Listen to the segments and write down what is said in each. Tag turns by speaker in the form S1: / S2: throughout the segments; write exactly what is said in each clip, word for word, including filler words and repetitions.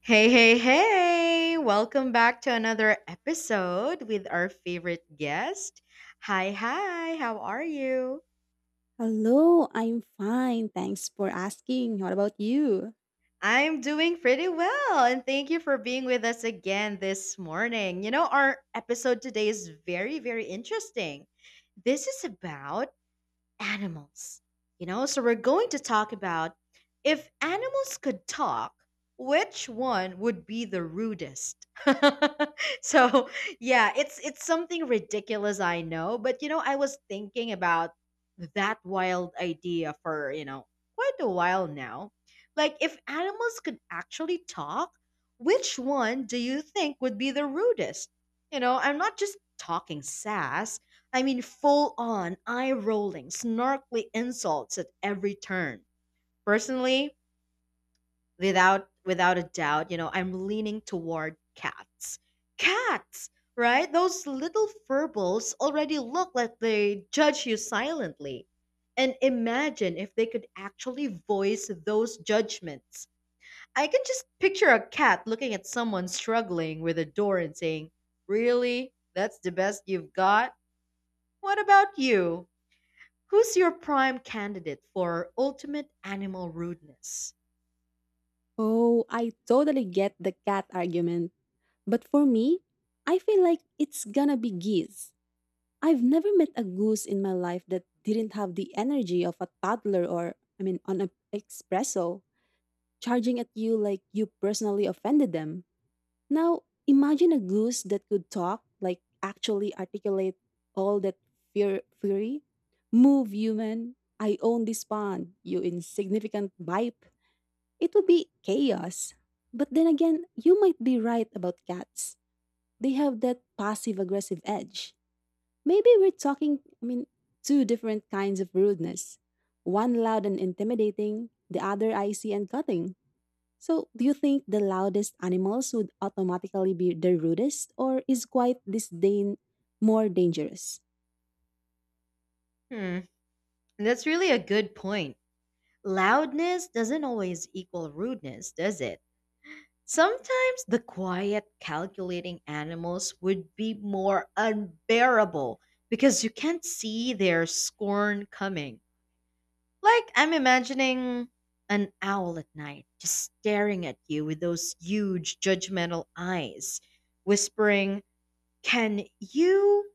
S1: Hey, hey, hey! Welcome back to another episode with our favorite guest. Hi, hi, how are you?
S2: Hello, I'm fine. Thanks for asking. What about you?
S1: I'm doing pretty well, and thank you for being with us again this morning. You know, our episode today is very, very interesting. This is about animals. You know, so we're going to talk about if animals could talk, which one would be the rudest? so, yeah, it's it's something ridiculous I know, but you know, I was thinking about that wild idea for, you know, quite a while now. Like if animals could actually talk, which one do you think would be the rudest? You know, I'm not just talking sass. I mean, full on, eye rolling, snarkly insults at every turn. Personally, without without a doubt, you know, I'm leaning toward cats. Cats, right? Those little furballs already look like they judge you silently. And imagine if they could actually voice those judgments. I can just picture a cat looking at someone struggling with a door and saying, really? That's the best you've got? What about you? Who's your prime candidate for ultimate animal rudeness?
S2: Oh, I totally get the cat argument. But for me, I feel like it's gonna be geese. I've never met a goose in my life that didn't have the energy of a toddler or, I mean, on an espresso, charging at you like you personally offended them. Now, imagine a goose that could talk, like actually articulate all that fear fury. Move, human. I own this pond, you insignificant bipe. It would be chaos. But then again, you might be right about cats. They have that passive aggressive edge. Maybe we're talking, I mean, two different kinds of rudeness. One loud and intimidating, the other icy and cutting. So, do you think the loudest animals would automatically be the rudest, or is quiet disdain more dangerous?
S1: Hmm, that's really a good point. Loudness doesn't always equal rudeness, does it? Sometimes the quiet, calculating animals would be more unbearable because you can't see their scorn coming. Like, I'm imagining an owl at night just staring at you with those huge, judgmental eyes, whispering, Can you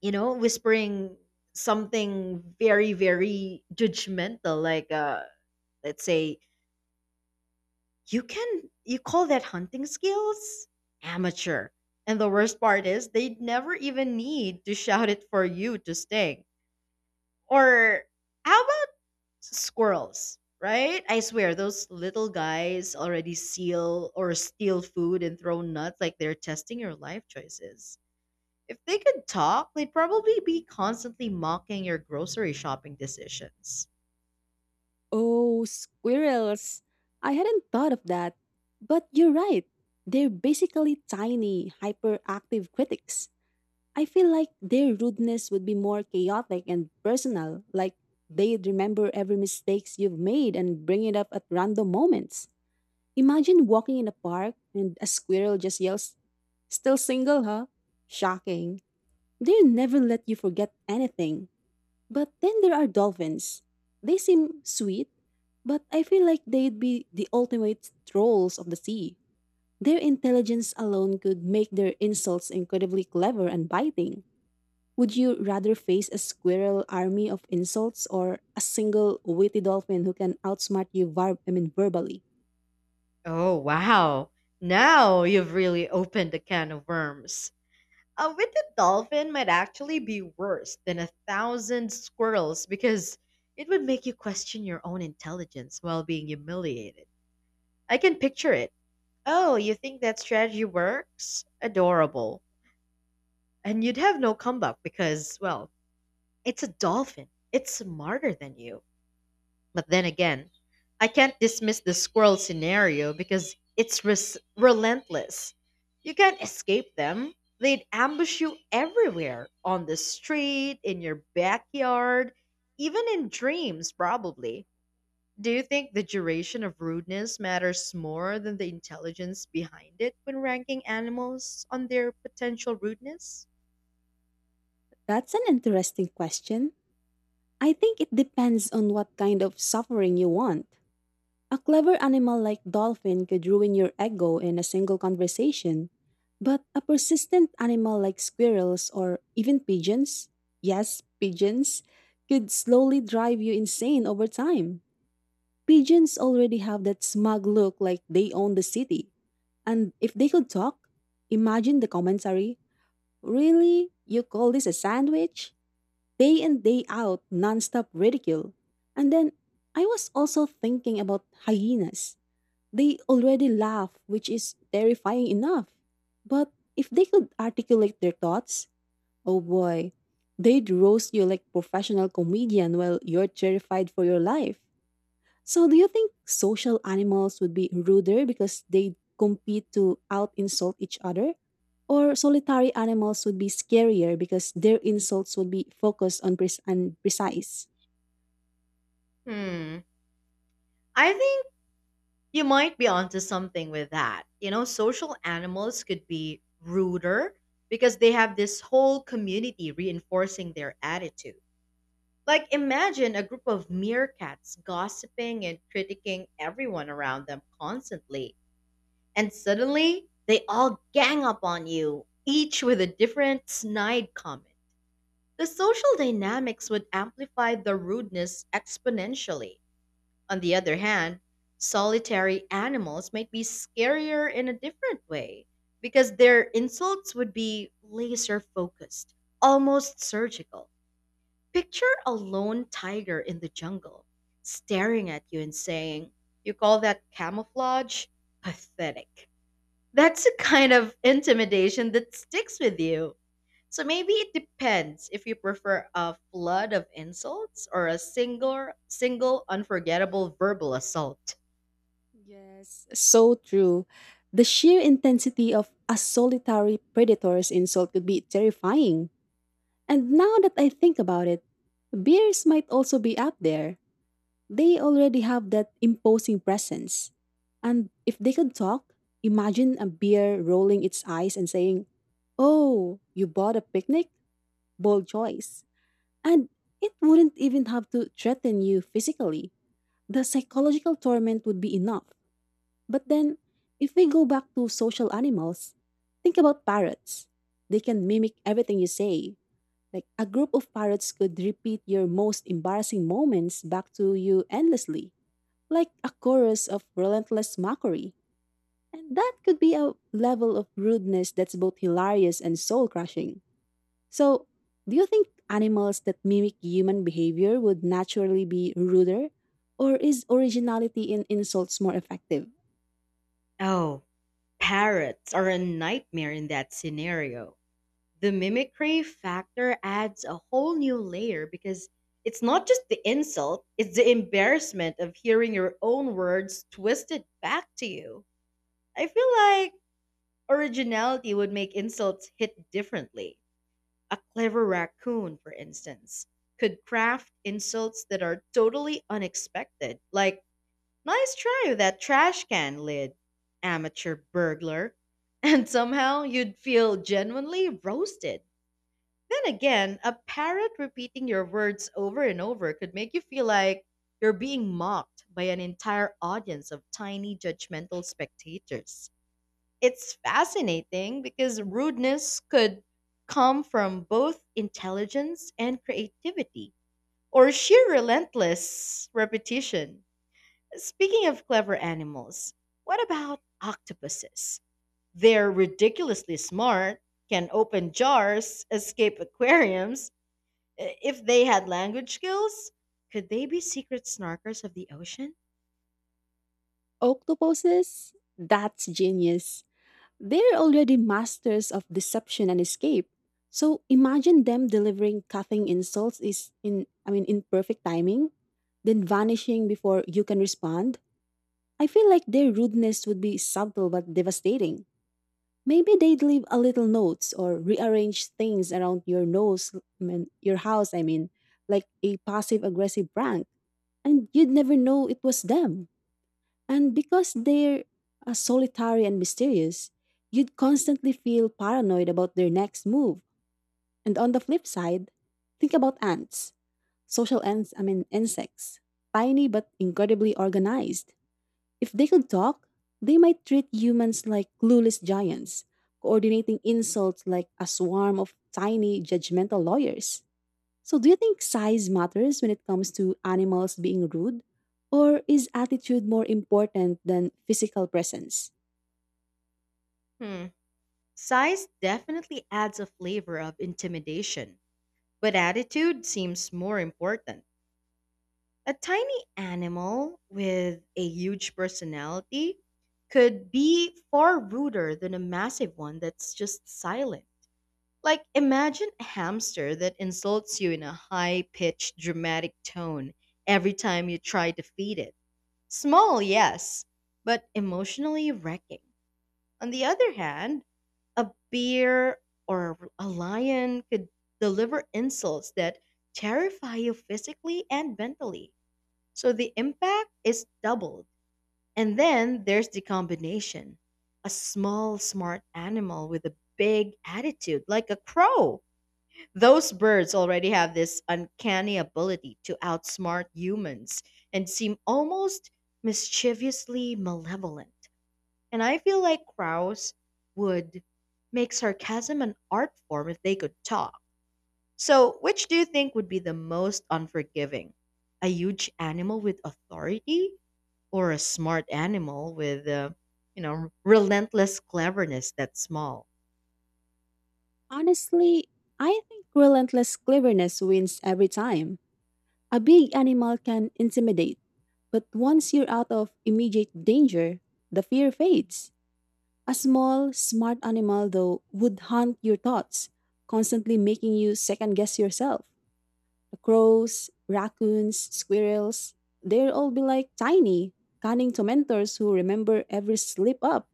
S1: you know, whispering something very, very judgmental, like uh let's say, you can you call that hunting skills? Amateur. And the worst part is they'd never even need to shout it for you to sting. Or how about squirrels? Right? I swear those little guys already seal or steal food and throw nuts like they're testing your life choices. If they could talk, they'd probably be constantly mocking your grocery shopping decisions.
S2: Oh, squirrels! I hadn't thought of that. But you're right. They're basically tiny, hyperactive critics. I feel like their rudeness would be more chaotic and personal, like they'd remember every mistakes you've made and bring it up at random moments. Imagine walking in a park and a squirrel just yells, "Still single, huh? Shocking." They never let you forget anything. But then there are dolphins. They seem sweet, but I feel like they'd be the ultimate trolls of the sea. Their intelligence alone could make their insults incredibly clever and biting. Would you rather face a squirrel army of insults or a single witty dolphin who can outsmart you var- I mean verbally?
S1: Oh, wow. Now you've really opened a can of worms. A winged dolphin might actually be worse than a thousand squirrels because it would make you question your own intelligence while being humiliated. I can picture it. Oh, you think that strategy works? Adorable. And you'd have no comeback because, well, it's a dolphin. It's smarter than you. But then again, I can't dismiss the squirrel scenario because it's res- relentless. You can't escape them. They'd ambush you everywhere on the street, in your backyard, even in dreams, probably. Do you think the duration of rudeness matters more than the intelligence behind it when ranking animals on their potential rudeness?
S2: That's an interesting question. I think it depends on what kind of suffering you want. A clever animal like dolphin could ruin your ego in a single conversation, but a persistent animal like squirrels or even pigeons, yes, pigeons, could slowly drive you insane over time. Pigeons already have that smug look like they own the city. And if they could talk, imagine the commentary. "Really? You call this a sandwich?" Day in, day out, nonstop ridicule. And then I was also thinking about hyenas. They already laugh, which is terrifying enough. But if they could articulate their thoughts, oh boy, they'd roast you like professional comedian while you're terrified for your life. So, do you think social animals would be ruder because they compete to out insult each other? Or solitary animals would be scarier because their insults would be focused on pres- and precise?
S1: Hmm. I think You might be onto something with that. You know, social animals could be ruder because they have this whole community reinforcing their attitude. Like, imagine a group of meerkats gossiping and critiquing everyone around them constantly. And suddenly, they all gang up on you, each with a different snide comment. The social dynamics would amplify the rudeness exponentially. On the other hand, solitary animals might be scarier in a different way because their insults would be laser focused, almost surgical. Picture a lone tiger in the jungle staring at you and saying, you call that camouflage? Pathetic. That's a kind of intimidation that sticks with you. So maybe it depends if you prefer a flood of insults or a single single unforgettable verbal assault.
S2: Yes, so true. The sheer intensity of a solitary predator's insult could be terrifying. And now that I think about it, bears might also be up there. They already have that imposing presence. And if they could talk, imagine a beer rolling its eyes and saying, "Oh, you bought a picnic? Bold choice." And it wouldn't even have to threaten you physically. The psychological torment would be enough. But then, if we go back to social animals, think about parrots. They can mimic everything you say. Like a group of parrots could repeat your most embarrassing moments back to you endlessly like a chorus of relentless mockery. And that could be a level of rudeness that's both hilarious and soul crushing. So, do you think animals that mimic human behavior would naturally be ruder? Or is originality in insults more effective?
S1: Oh, parrots are a nightmare in that scenario. The mimicry factor adds a whole new layer because it's not just the insult, it's the embarrassment of hearing your own words twisted back to you. I feel like Originality would make insults hit differently. A clever raccoon, for instance, could craft insults that are totally unexpected, like, nice try with that trash can lid, amateur burglar. And somehow you'd feel genuinely roasted. Then again, a parrot repeating your words over and over could make you feel like you're being mocked by an entire audience of tiny judgmental spectators. It's fascinating because rudeness could come from both intelligence and creativity, or sheer relentless repetition. Speaking of clever animals, what about octopuses? They're ridiculously smart, can open jars, escape aquariums. I- If they had language skills, could they be secret snarkers of the ocean?
S2: Octopuses? That's genius. They're already masters of deception and escape. So imagine them delivering cutting insults is in I mean in perfect timing, then vanishing before you can respond. I feel like their rudeness would be subtle but devastating. Maybe they'd leave a little notes or rearrange things around your nose, I mean, your house, I mean, like a passive aggressive prank. And you'd never know it was them. And because they're uh, solitary and mysterious, you'd constantly feel paranoid about their next move. And on the flip side, think about ants, social ants, I mean insects, tiny but incredibly organized. If they could talk, they might treat humans like clueless giants, coordinating insults like a swarm of tiny judgmental lawyers. So, do you think size matters when it comes to animals being rude? Or is attitude more important than physical presence?
S1: Hmm. Size definitely adds a flavor of intimidation. But attitude seems more important. A tiny animal with a huge personality could be far ruder than a massive one that's just silent. Like, imagine a hamster that insults you in a high pitched, dramatic tone every time you try to feed it. Small, yes, but emotionally wrecking. On the other hand, a bear or a lion could deliver insults that terrify you physically and mentally. So the impact is doubled. And then there's the combination, a small, smart animal with a big attitude, like a crow. Those birds already have this uncanny ability to outsmart humans and seem almost mischievously malevolent. And I feel like Krauss would make sarcasm an art form if they could talk. So, which do you think would be the most unforgiving? A huge animal with authority or a smart animal with uh, you know, relentless cleverness that's small?
S2: Honestly, I think relentless cleverness wins every time. A big animal can intimidate, but once you're out of immediate danger, the fear fades. A small, smart animal, though, would haunt your thoughts, constantly making you second guess yourself. The crows, raccoons, squirrels, they'll all be like tiny, cunning tormentors who remember every slip up.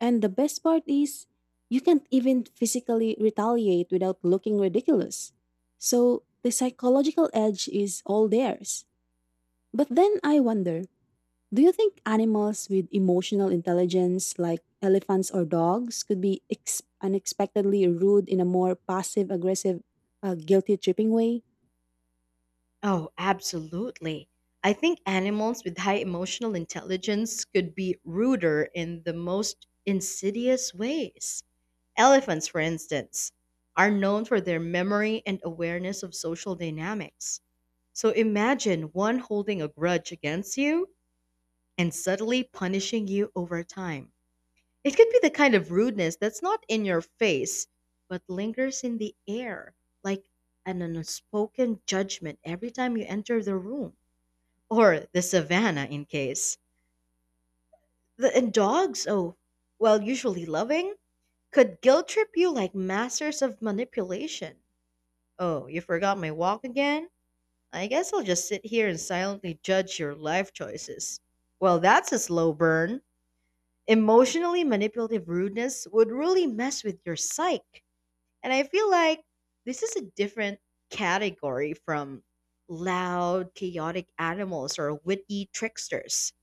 S2: And the best part is, you can't even physically retaliate without looking ridiculous. So the psychological edge is all theirs. But then I wonder, do you think animals with emotional intelligence, like elephants or dogs, could be ex- unexpectedly rude in a more passive aggressive, uh, guilty tripping way?
S1: Oh, absolutely. I think animals with high emotional intelligence could be ruder in the most insidious ways. Elephants, for instance, are known for their memory and awareness of social dynamics. So imagine one holding a grudge against you and subtly punishing you over time. It could be the kind of rudeness that's not in your face, but lingers in the air, like an unspoken judgment every time you enter the room. Or the savannah, in case. The, and dogs, oh, well, usually loving, could guilt trip you like masters of manipulation. Oh, you forgot my walk again? I guess I'll just sit here and silently judge your life choices. Well, that's a slow burn. Emotionally manipulative rudeness would really mess with your psyche. And I feel like this is a different category from loud, chaotic animals or witty tricksters.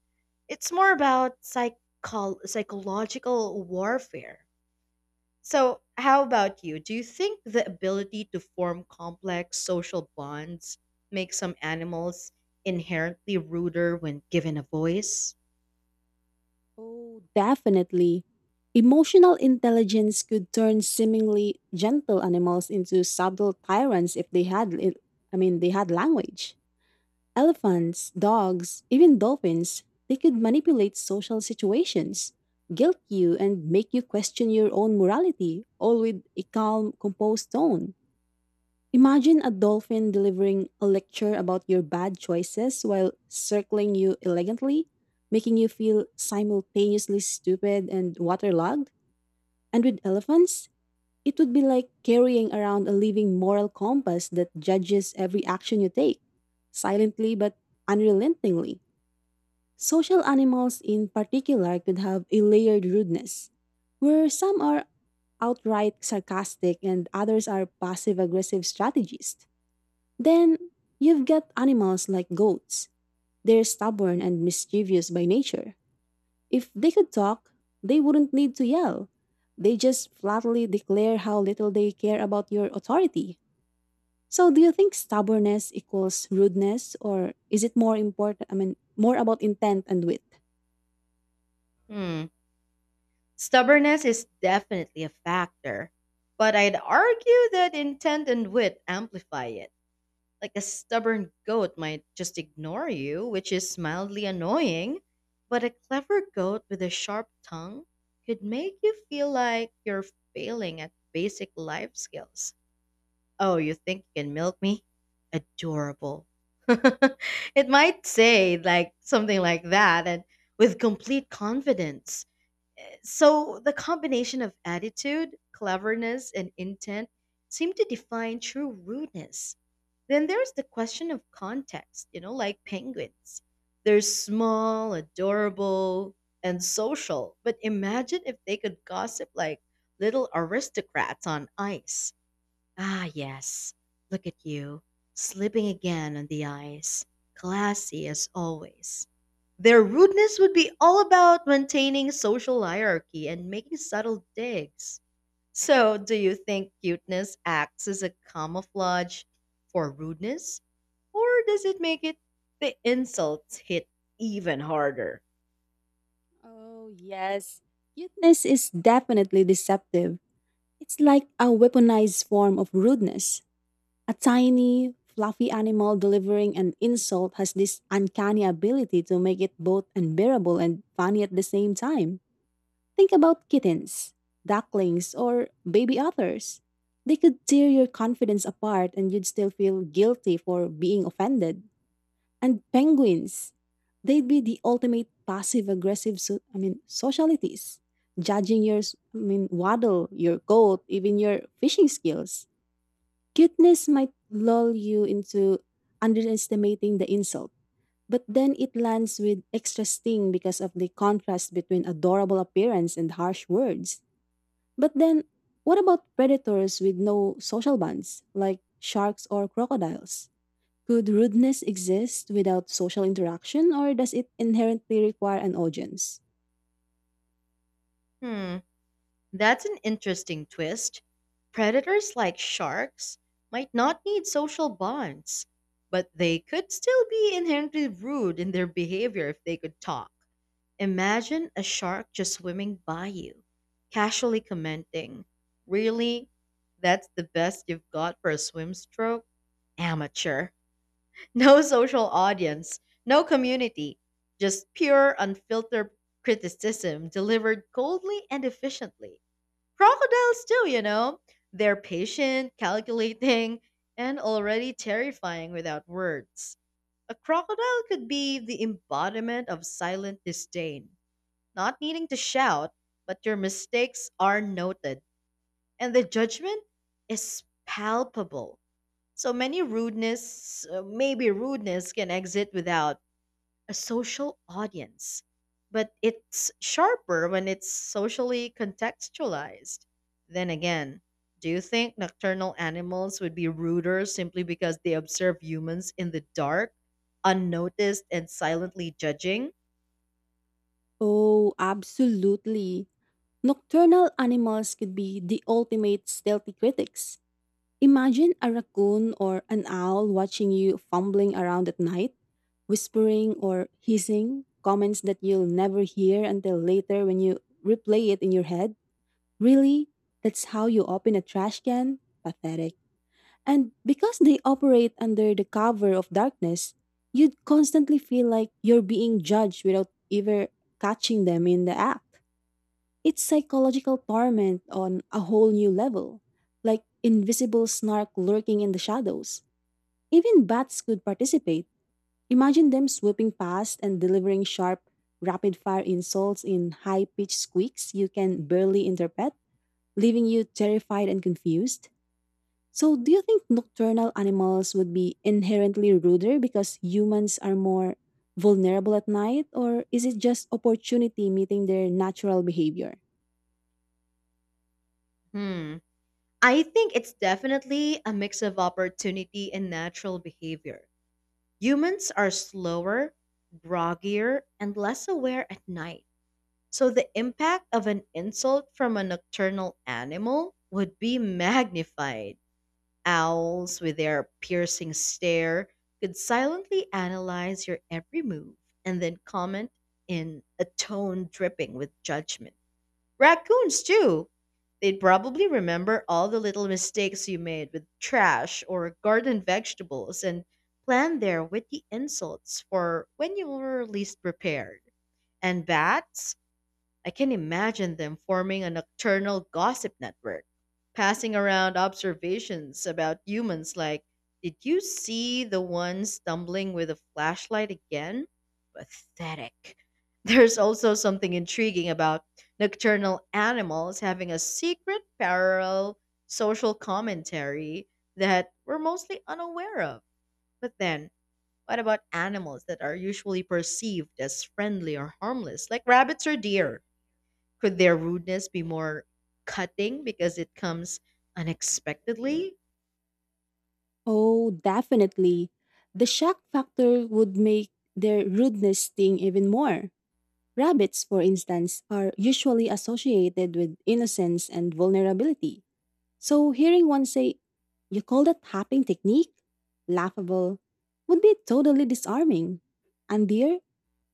S1: It's more about psych- psychological warfare. So, how about you? Do you think the ability to form complex social bonds makes some animals inherently ruder when given a voice?
S2: Oh, definitely. Emotional intelligence could turn seemingly gentle animals into subtle tyrants if they had li- I mean they had language. Elephants, dogs, even dolphins, they could manipulate social situations, guilt you and make you question your own morality, all with a calm, composed tone. Imagine a dolphin delivering a lecture about your bad choices while circling you elegantly, making you feel simultaneously stupid and waterlogged. And with elephants, it would be like carrying around a living moral compass that judges every action you take, silently but unrelentingly. Social animals in particular could have a layered rudeness, where some are outright sarcastic and others are passive aggressive strategists. Then you've got animals like goats. They're stubborn and mischievous by nature. If they could talk, they wouldn't need to yell. They just flatly declare how little they care about your authority. So do you think stubbornness equals rudeness or is it more important I mean more about intent and wit?
S1: Hmm. Stubbornness is definitely a factor, but I'd argue that intent and wit amplify it. Like a stubborn goat might just ignore you, which is mildly annoying, but a clever goat with a sharp tongue could make you feel like you're failing at basic life skills. Oh, you think you can milk me? Adorable. It might say like something like that and with complete confidence. So the combination of attitude, cleverness, and intent seem to define true rudeness. Then there's the question of context, you know, like penguins. They're small, adorable, and social, but imagine if they could gossip like little aristocrats on ice. Ah, yes. Look at you, slipping again on the ice. Classy as always. Their rudeness would be all about maintaining social hierarchy and making subtle digs. So, do you think cuteness acts as a camouflage for rudeness? Or does it make it the insults hit even harder?
S2: Oh, yes. Cuteness is definitely deceptive. It's like a weaponized form of rudeness. A tiny, fluffy animal delivering an insult has this uncanny ability to make it both unbearable and funny at the same time. Think about kittens, ducklings, or baby otters. They could tear your confidence apart and you'd still feel guilty for being offended. And penguins, they'd be the ultimate passive aggressive so- I mean socialities, judging your s- I mean waddle, your coat, even your fishing skills. Cuteness might lull you into underestimating the insult, but then it lands with extra sting because of the contrast between adorable appearance and harsh words. But then, what about predators with no social bonds, like sharks or crocodiles? Could rudeness exist without social interaction, or does it inherently require an audience?
S1: Hmm. That's an interesting twist. Predators like sharks might not need social bonds, but they could still be inherently rude in their behavior if they could talk. Imagine a shark just swimming by you, casually commenting, really? That's the best you've got for a swim stroke? Amateur. No social audience, no community, just pure, unfiltered criticism delivered coldly and efficiently. Crocodiles, too, you know? They're patient, calculating, and already terrifying without words. A crocodile could be the embodiment of silent disdain, not needing to shout, but your mistakes are noted, and the judgment is palpable. So many rudeness, uh, maybe rudeness, can exit without a social audience, but it's sharper when it's socially contextualized. Then again, do you think nocturnal animals would be ruder simply because they observe humans in the dark, unnoticed, and silently judging?
S2: Oh, absolutely. Nocturnal animals could be the ultimate stealthy critics. Imagine a raccoon or an owl watching you fumbling around at night, whispering or hissing comments that you'll never hear until later when you replay it in your head. "Really? That's how you open a trash can? Pathetic." And because they operate under the cover of darkness, you'd constantly feel like you're being judged without ever catching them in the act. It's psychological torment on a whole new level, like invisible snark lurking in the shadows. Even bats could participate. Imagine them swooping past and delivering sharp, rapid fire insults in high pitched squeaks you can barely interpret, leaving you terrified and confused. So, do you think nocturnal animals would be inherently ruder because humans are more vulnerable at night, or is it just opportunity meeting their natural behavior?
S1: Hmm. I think it's definitely a mix of opportunity and natural behavior. Humans are slower, groggier, and less aware at night. So the impact of an insult from a nocturnal animal would be magnified. Owls, with their piercing stare, could silently analyze your every move and then comment in a tone dripping with judgment. Raccoons, too. They'd probably remember all the little mistakes you made with trash or garden vegetables and plan their witty insults for when you were least prepared. And bats? I can imagine them forming a nocturnal gossip network, passing around observations about humans like, did you see the one stumbling with a flashlight again? Pathetic. There's also something intriguing about nocturnal animals having a secret parallel social commentary that we're mostly unaware of. But then, what about animals that are usually perceived as friendly or harmless, like rabbits or deer? Could their rudeness be more cutting because it comes unexpectedly?
S2: Oh, definitely. The shock factor would make their rudeness sting even more. Rabbits, for instance, are usually associated with innocence and vulnerability. So hearing one say, "You call that hopping technique? Laughable," would be totally disarming. And dear,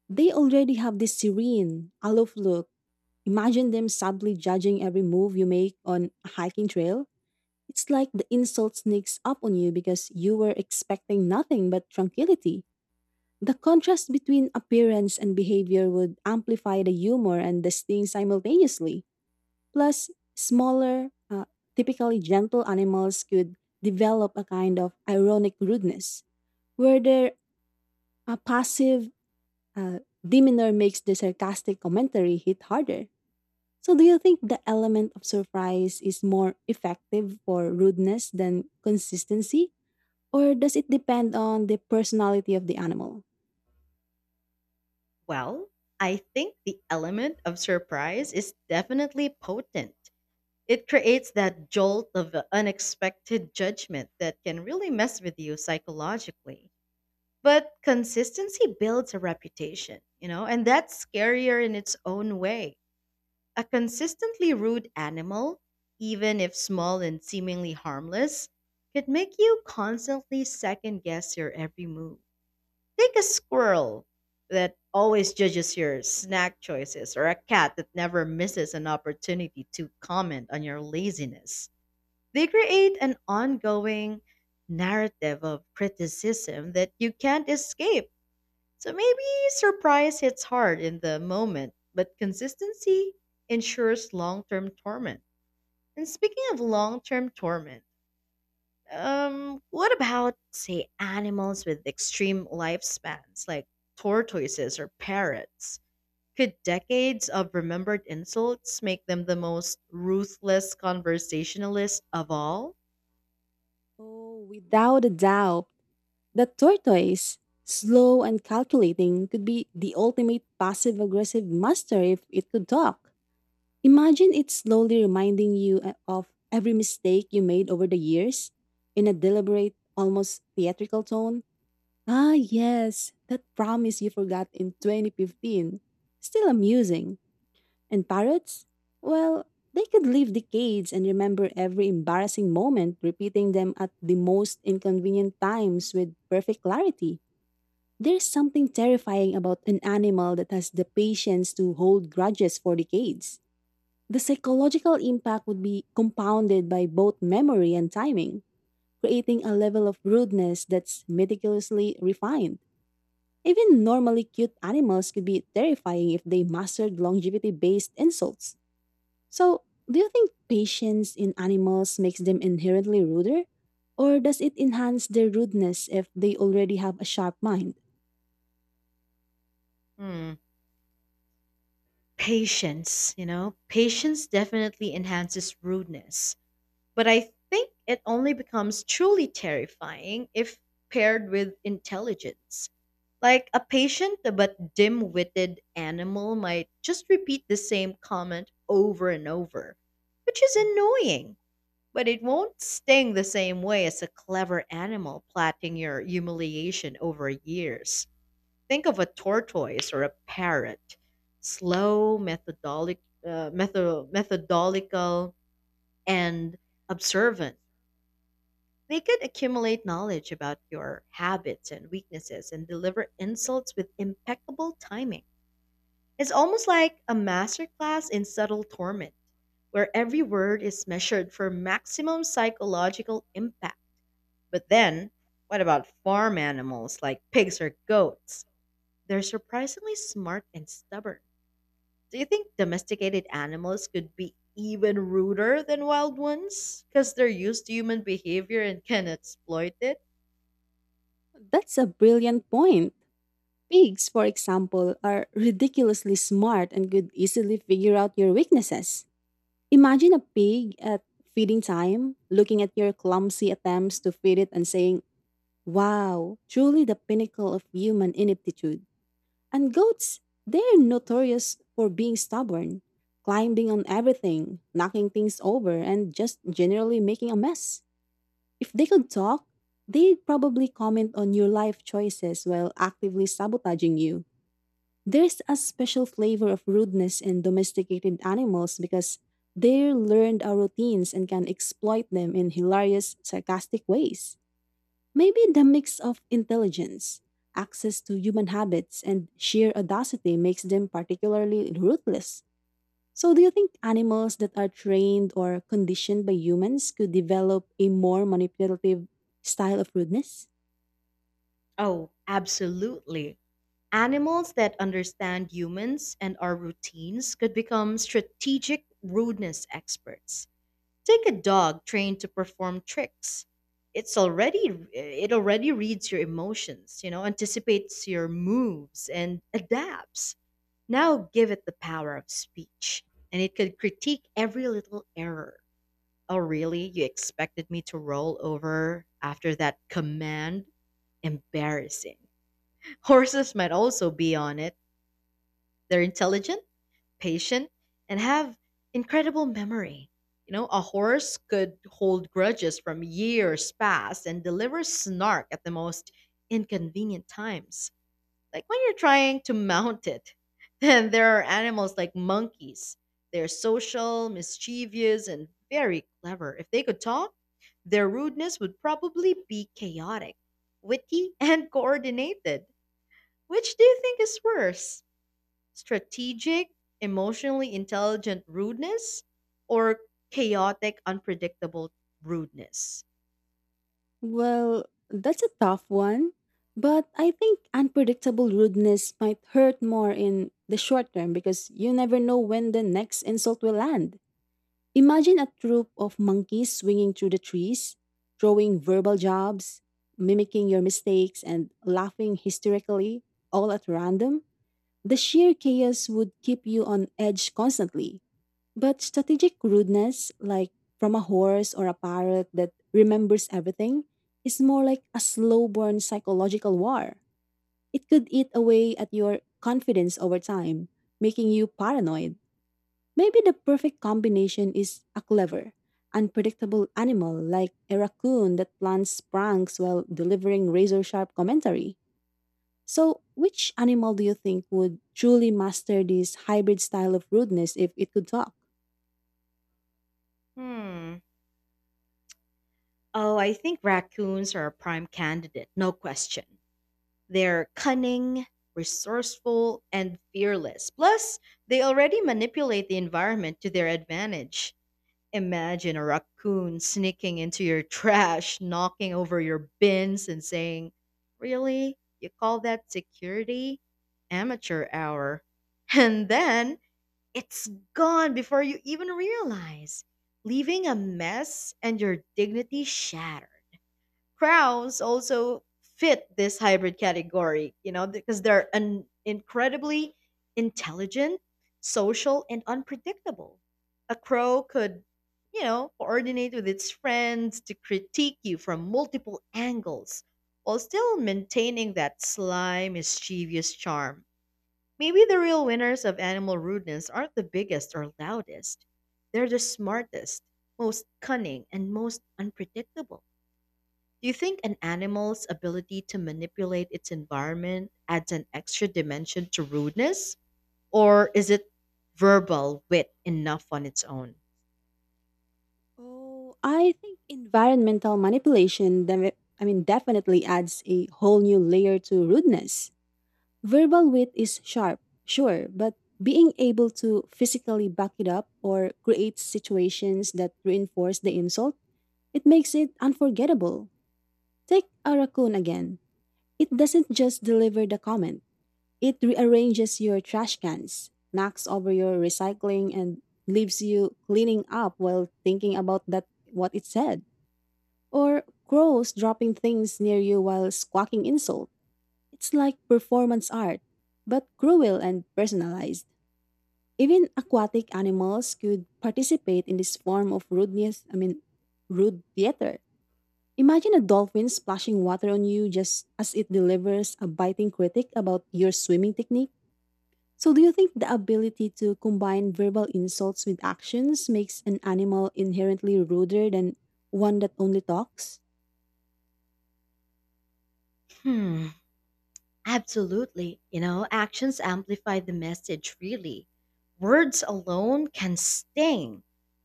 S2: they already have this serene, aloof look. Imagine them subtly judging every move you make on a hiking trail. It's like the insult sneaks up on you because you were expecting nothing but tranquility. The contrast between appearance and behavior would amplify the humor and the sting simultaneously. Plus, smaller, uh, typically gentle animals could develop a kind of ironic rudeness, where their uh, passive uh, demeanor makes the sarcastic commentary hit harder. So, do you think the element of surprise is more effective for rudeness than consistency? Or does it depend on the personality of the animal?
S1: Well, I think the element of surprise is definitely potent. It creates that jolt of unexpected judgment that can really mess with you psychologically. But consistency builds a reputation, you know, and that's scarier in its own way. A consistently rude animal, even if small and seemingly harmless, could make you constantly second guess your every move. Take a squirrel that always judges your snack choices, or a cat that never misses an opportunity to comment on your laziness. They create an ongoing narrative of criticism that you can't escape. So maybe surprise hits hard in the moment, but consistency ensures long term torment. And speaking of long term torment, um, what about, say, animals with extreme lifespans like tortoises or parrots? Could decades of remembered insults make them the most ruthless conversationalist of all?
S2: Oh, without a doubt, the tortoise, slow and calculating, could be the ultimate passive aggressive master if it could talk. Imagine it slowly reminding you uh, of every mistake you made over the years in a deliberate, almost theatrical tone. "Ah, yes, that promise you forgot in twenty fifteen. Still amusing." And parrots? Well, they could live decades and remember every embarrassing moment, repeating them at the most inconvenient times with perfect clarity. There's something terrifying about an animal that has the patience to hold grudges for decades. The psychological impact would be compounded by both memory and timing, creating a level of rudeness that's meticulously refined. Even normally cute animals could be terrifying if they mastered longevity based insults. So, do you think patience in animals makes them inherently ruder? Or does it enhance their rudeness if they already have a sharp mind?
S1: Hmm. Patience, you know, patience definitely enhances rudeness. But I think it only becomes truly terrifying if paired with intelligence. Like, a patient but dim witted animal might just repeat the same comment over and over, which is annoying, but it won't sting the same way as a clever animal plotting your humiliation over years. Think of a tortoise or a parrot. Slow, methodolic, uh, method- methodical, and observant, they could accumulate knowledge about your habits and weaknesses and deliver insults with impeccable timing. It's almost like a masterclass in subtle torment, where every word is measured for maximum psychological impact. But then, what about farm animals like pigs or goats? They're surprisingly smart and stubborn. Do you think domesticated animals could be even ruder than wild ones? Because they're used to human behavior and can exploit it?
S2: That's a brilliant point. Pigs, for example, are ridiculously smart and could easily figure out your weaknesses. Imagine a pig at feeding time, looking at your clumsy attempts to feed it and saying, "Wow, truly the pinnacle of human ineptitude." And goats, they're notorious for being stubborn, climbing on everything, knocking things over, and just generally making a mess. If they could talk, they'd probably comment on your life choices while actively sabotaging you. There's a special flavor of rudeness in domesticated animals because they learned our routines and can exploit them in hilarious, sarcastic ways. Maybe the mix of intelligence, access to human habits, and sheer audacity makes them particularly ruthless. So, do you think animals that are trained or conditioned by humans could develop a more manipulative style of rudeness?
S1: Oh, absolutely. Animals that understand humans and our routines could become strategic rudeness experts. Take a dog trained to perform tricks. It's already it already reads your emotions, you know, anticipates your moves and adapts. Now give it the power of speech, and it could critique every little error. Oh, really? You expected me to roll over after that command? Embarrassing. Horses might also be on it. They're intelligent, patient, and have incredible memory. You know, a horse could hold grudges from years past and deliver snark at the most inconvenient times, like when you're trying to mount it. Then there are animals like monkeys. They're social, mischievous, and very clever. If they could talk, their rudeness would probably be chaotic, witty, and coordinated. Which do you think is worse? Strategic, emotionally intelligent rudeness, or chaotic, unpredictable rudeness?
S2: Well, that's a tough one, but I think unpredictable rudeness might hurt more in the short term because you never know when the next insult will land. Imagine a troop of monkeys swinging through the trees, throwing verbal jabs, mimicking your mistakes, and laughing hysterically, all at random. The sheer chaos would keep you on edge constantly. But strategic rudeness, like from a horse or a parrot that remembers everything, is more like a slow burn psychological war. It could eat away at your confidence over time, making you paranoid. Maybe the perfect combination is a clever, unpredictable animal like a raccoon that plans pranks while delivering razor sharp commentary. So, which animal do you think would truly master this hybrid style of rudeness if it could talk?
S1: Hmm. Oh, I think raccoons are a prime candidate, no question. They're cunning, resourceful, and fearless. Plus, they already manipulate the environment to their advantage. Imagine a raccoon sneaking into your trash, knocking over your bins, and saying, "Really? You call that security? Amateur hour." And then it's gone before you even realize, leaving a mess and your dignity shattered. Crows also fit this hybrid category, you know, because they're an incredibly intelligent, social, and unpredictable. A crow could, you know, coordinate with its friends to critique you from multiple angles while still maintaining that sly, mischievous charm. Maybe the real winners of animal rudeness aren't the biggest or loudest. They're the smartest, most cunning, and most unpredictable. Do you think an animal's ability to manipulate its environment adds an extra dimension to rudeness? Or is it verbal wit enough on its own?
S2: Oh, I think environmental manipulation, def- I mean, definitely adds a whole new layer to rudeness. Verbal wit is sharp, sure, but being able to physically back it up or create situations that reinforce the insult, it makes it unforgettable. Take a raccoon again. It doesn't just deliver the comment, it rearranges your trash cans, knocks over your recycling, and leaves you cleaning up while thinking about that what it said. Or crows dropping things near you while squawking insults. It's like performance art, but cruel and personalized. Even aquatic animals could participate in this form of rudeness, I mean, rude theater. Imagine a dolphin splashing water on you just as it delivers a biting critic about your swimming technique. So, do you think the ability to combine verbal insults with actions makes an animal inherently ruder than one that only talks?
S1: Hmm. Absolutely. You know, actions amplify the message, really. Words alone can sting.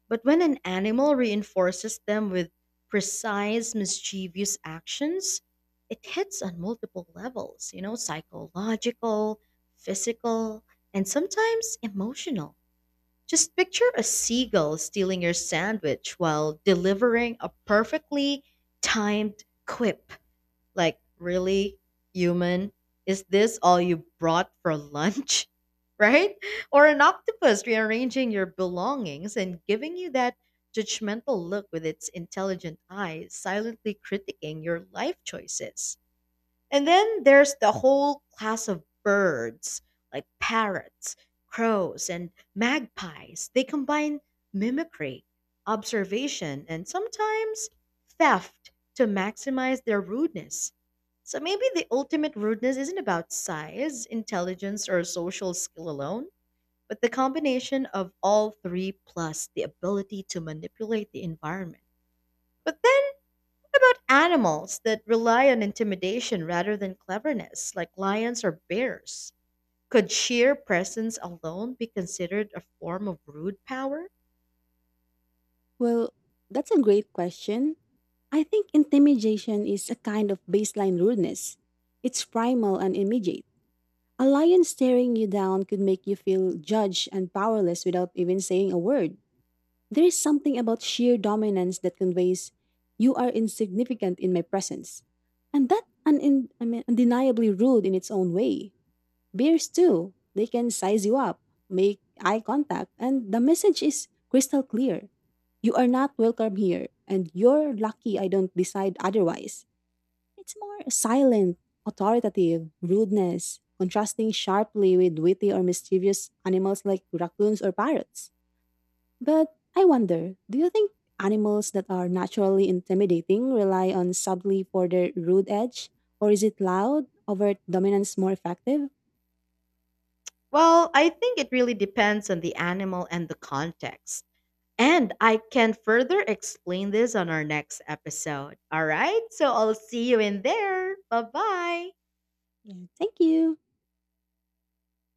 S1: But when an animal reinforces them with precise, mischievous actions, it hits on multiple levels, you know, psychological, physical, and sometimes emotional. Just picture a seagull stealing your sandwich while delivering a perfectly timed quip like, "Really, human? Is this all you brought for lunch?" Right? Or an octopus rearranging your belongings and giving you that judgmental look with its intelligent eyes, silently critiquing your life choices. And then there's the whole class of birds, like parrots, crows, and magpies. They combine mimicry, observation, and sometimes theft to maximize their rudeness. So maybe the ultimate rudeness isn't about size, intelligence, or social skill alone, but the combination of all three plus the ability to manipulate the environment. But then, what about animals that rely on intimidation rather than cleverness, like lions or bears? Could sheer presence alone be considered a form of rude power?
S2: Well, that's a great question. I think intimidation is a kind of baseline rudeness. It's primal and immediate. A lion staring you down could make you feel judged and powerless without even saying a word. There is something about sheer dominance that conveys, you are insignificant in my presence. And that un- in- I mean, undeniably rude in its own way. Bears too. They can size you up, make eye contact, and the message is crystal clear. You are not welcome here, and you're lucky I don't decide otherwise. It's more silent, authoritative, rudeness, contrasting sharply with witty or mischievous animals like raccoons or parrots. But I wonder, do you think animals that are naturally intimidating rely on subtly for their rude edge? Or is it loud, overt dominance more effective?
S1: Well, I think it really depends on the animal and the context. And I can further explain this on our next episode. All right, so I'll see you in there. Bye bye.
S2: Yeah. Thank you.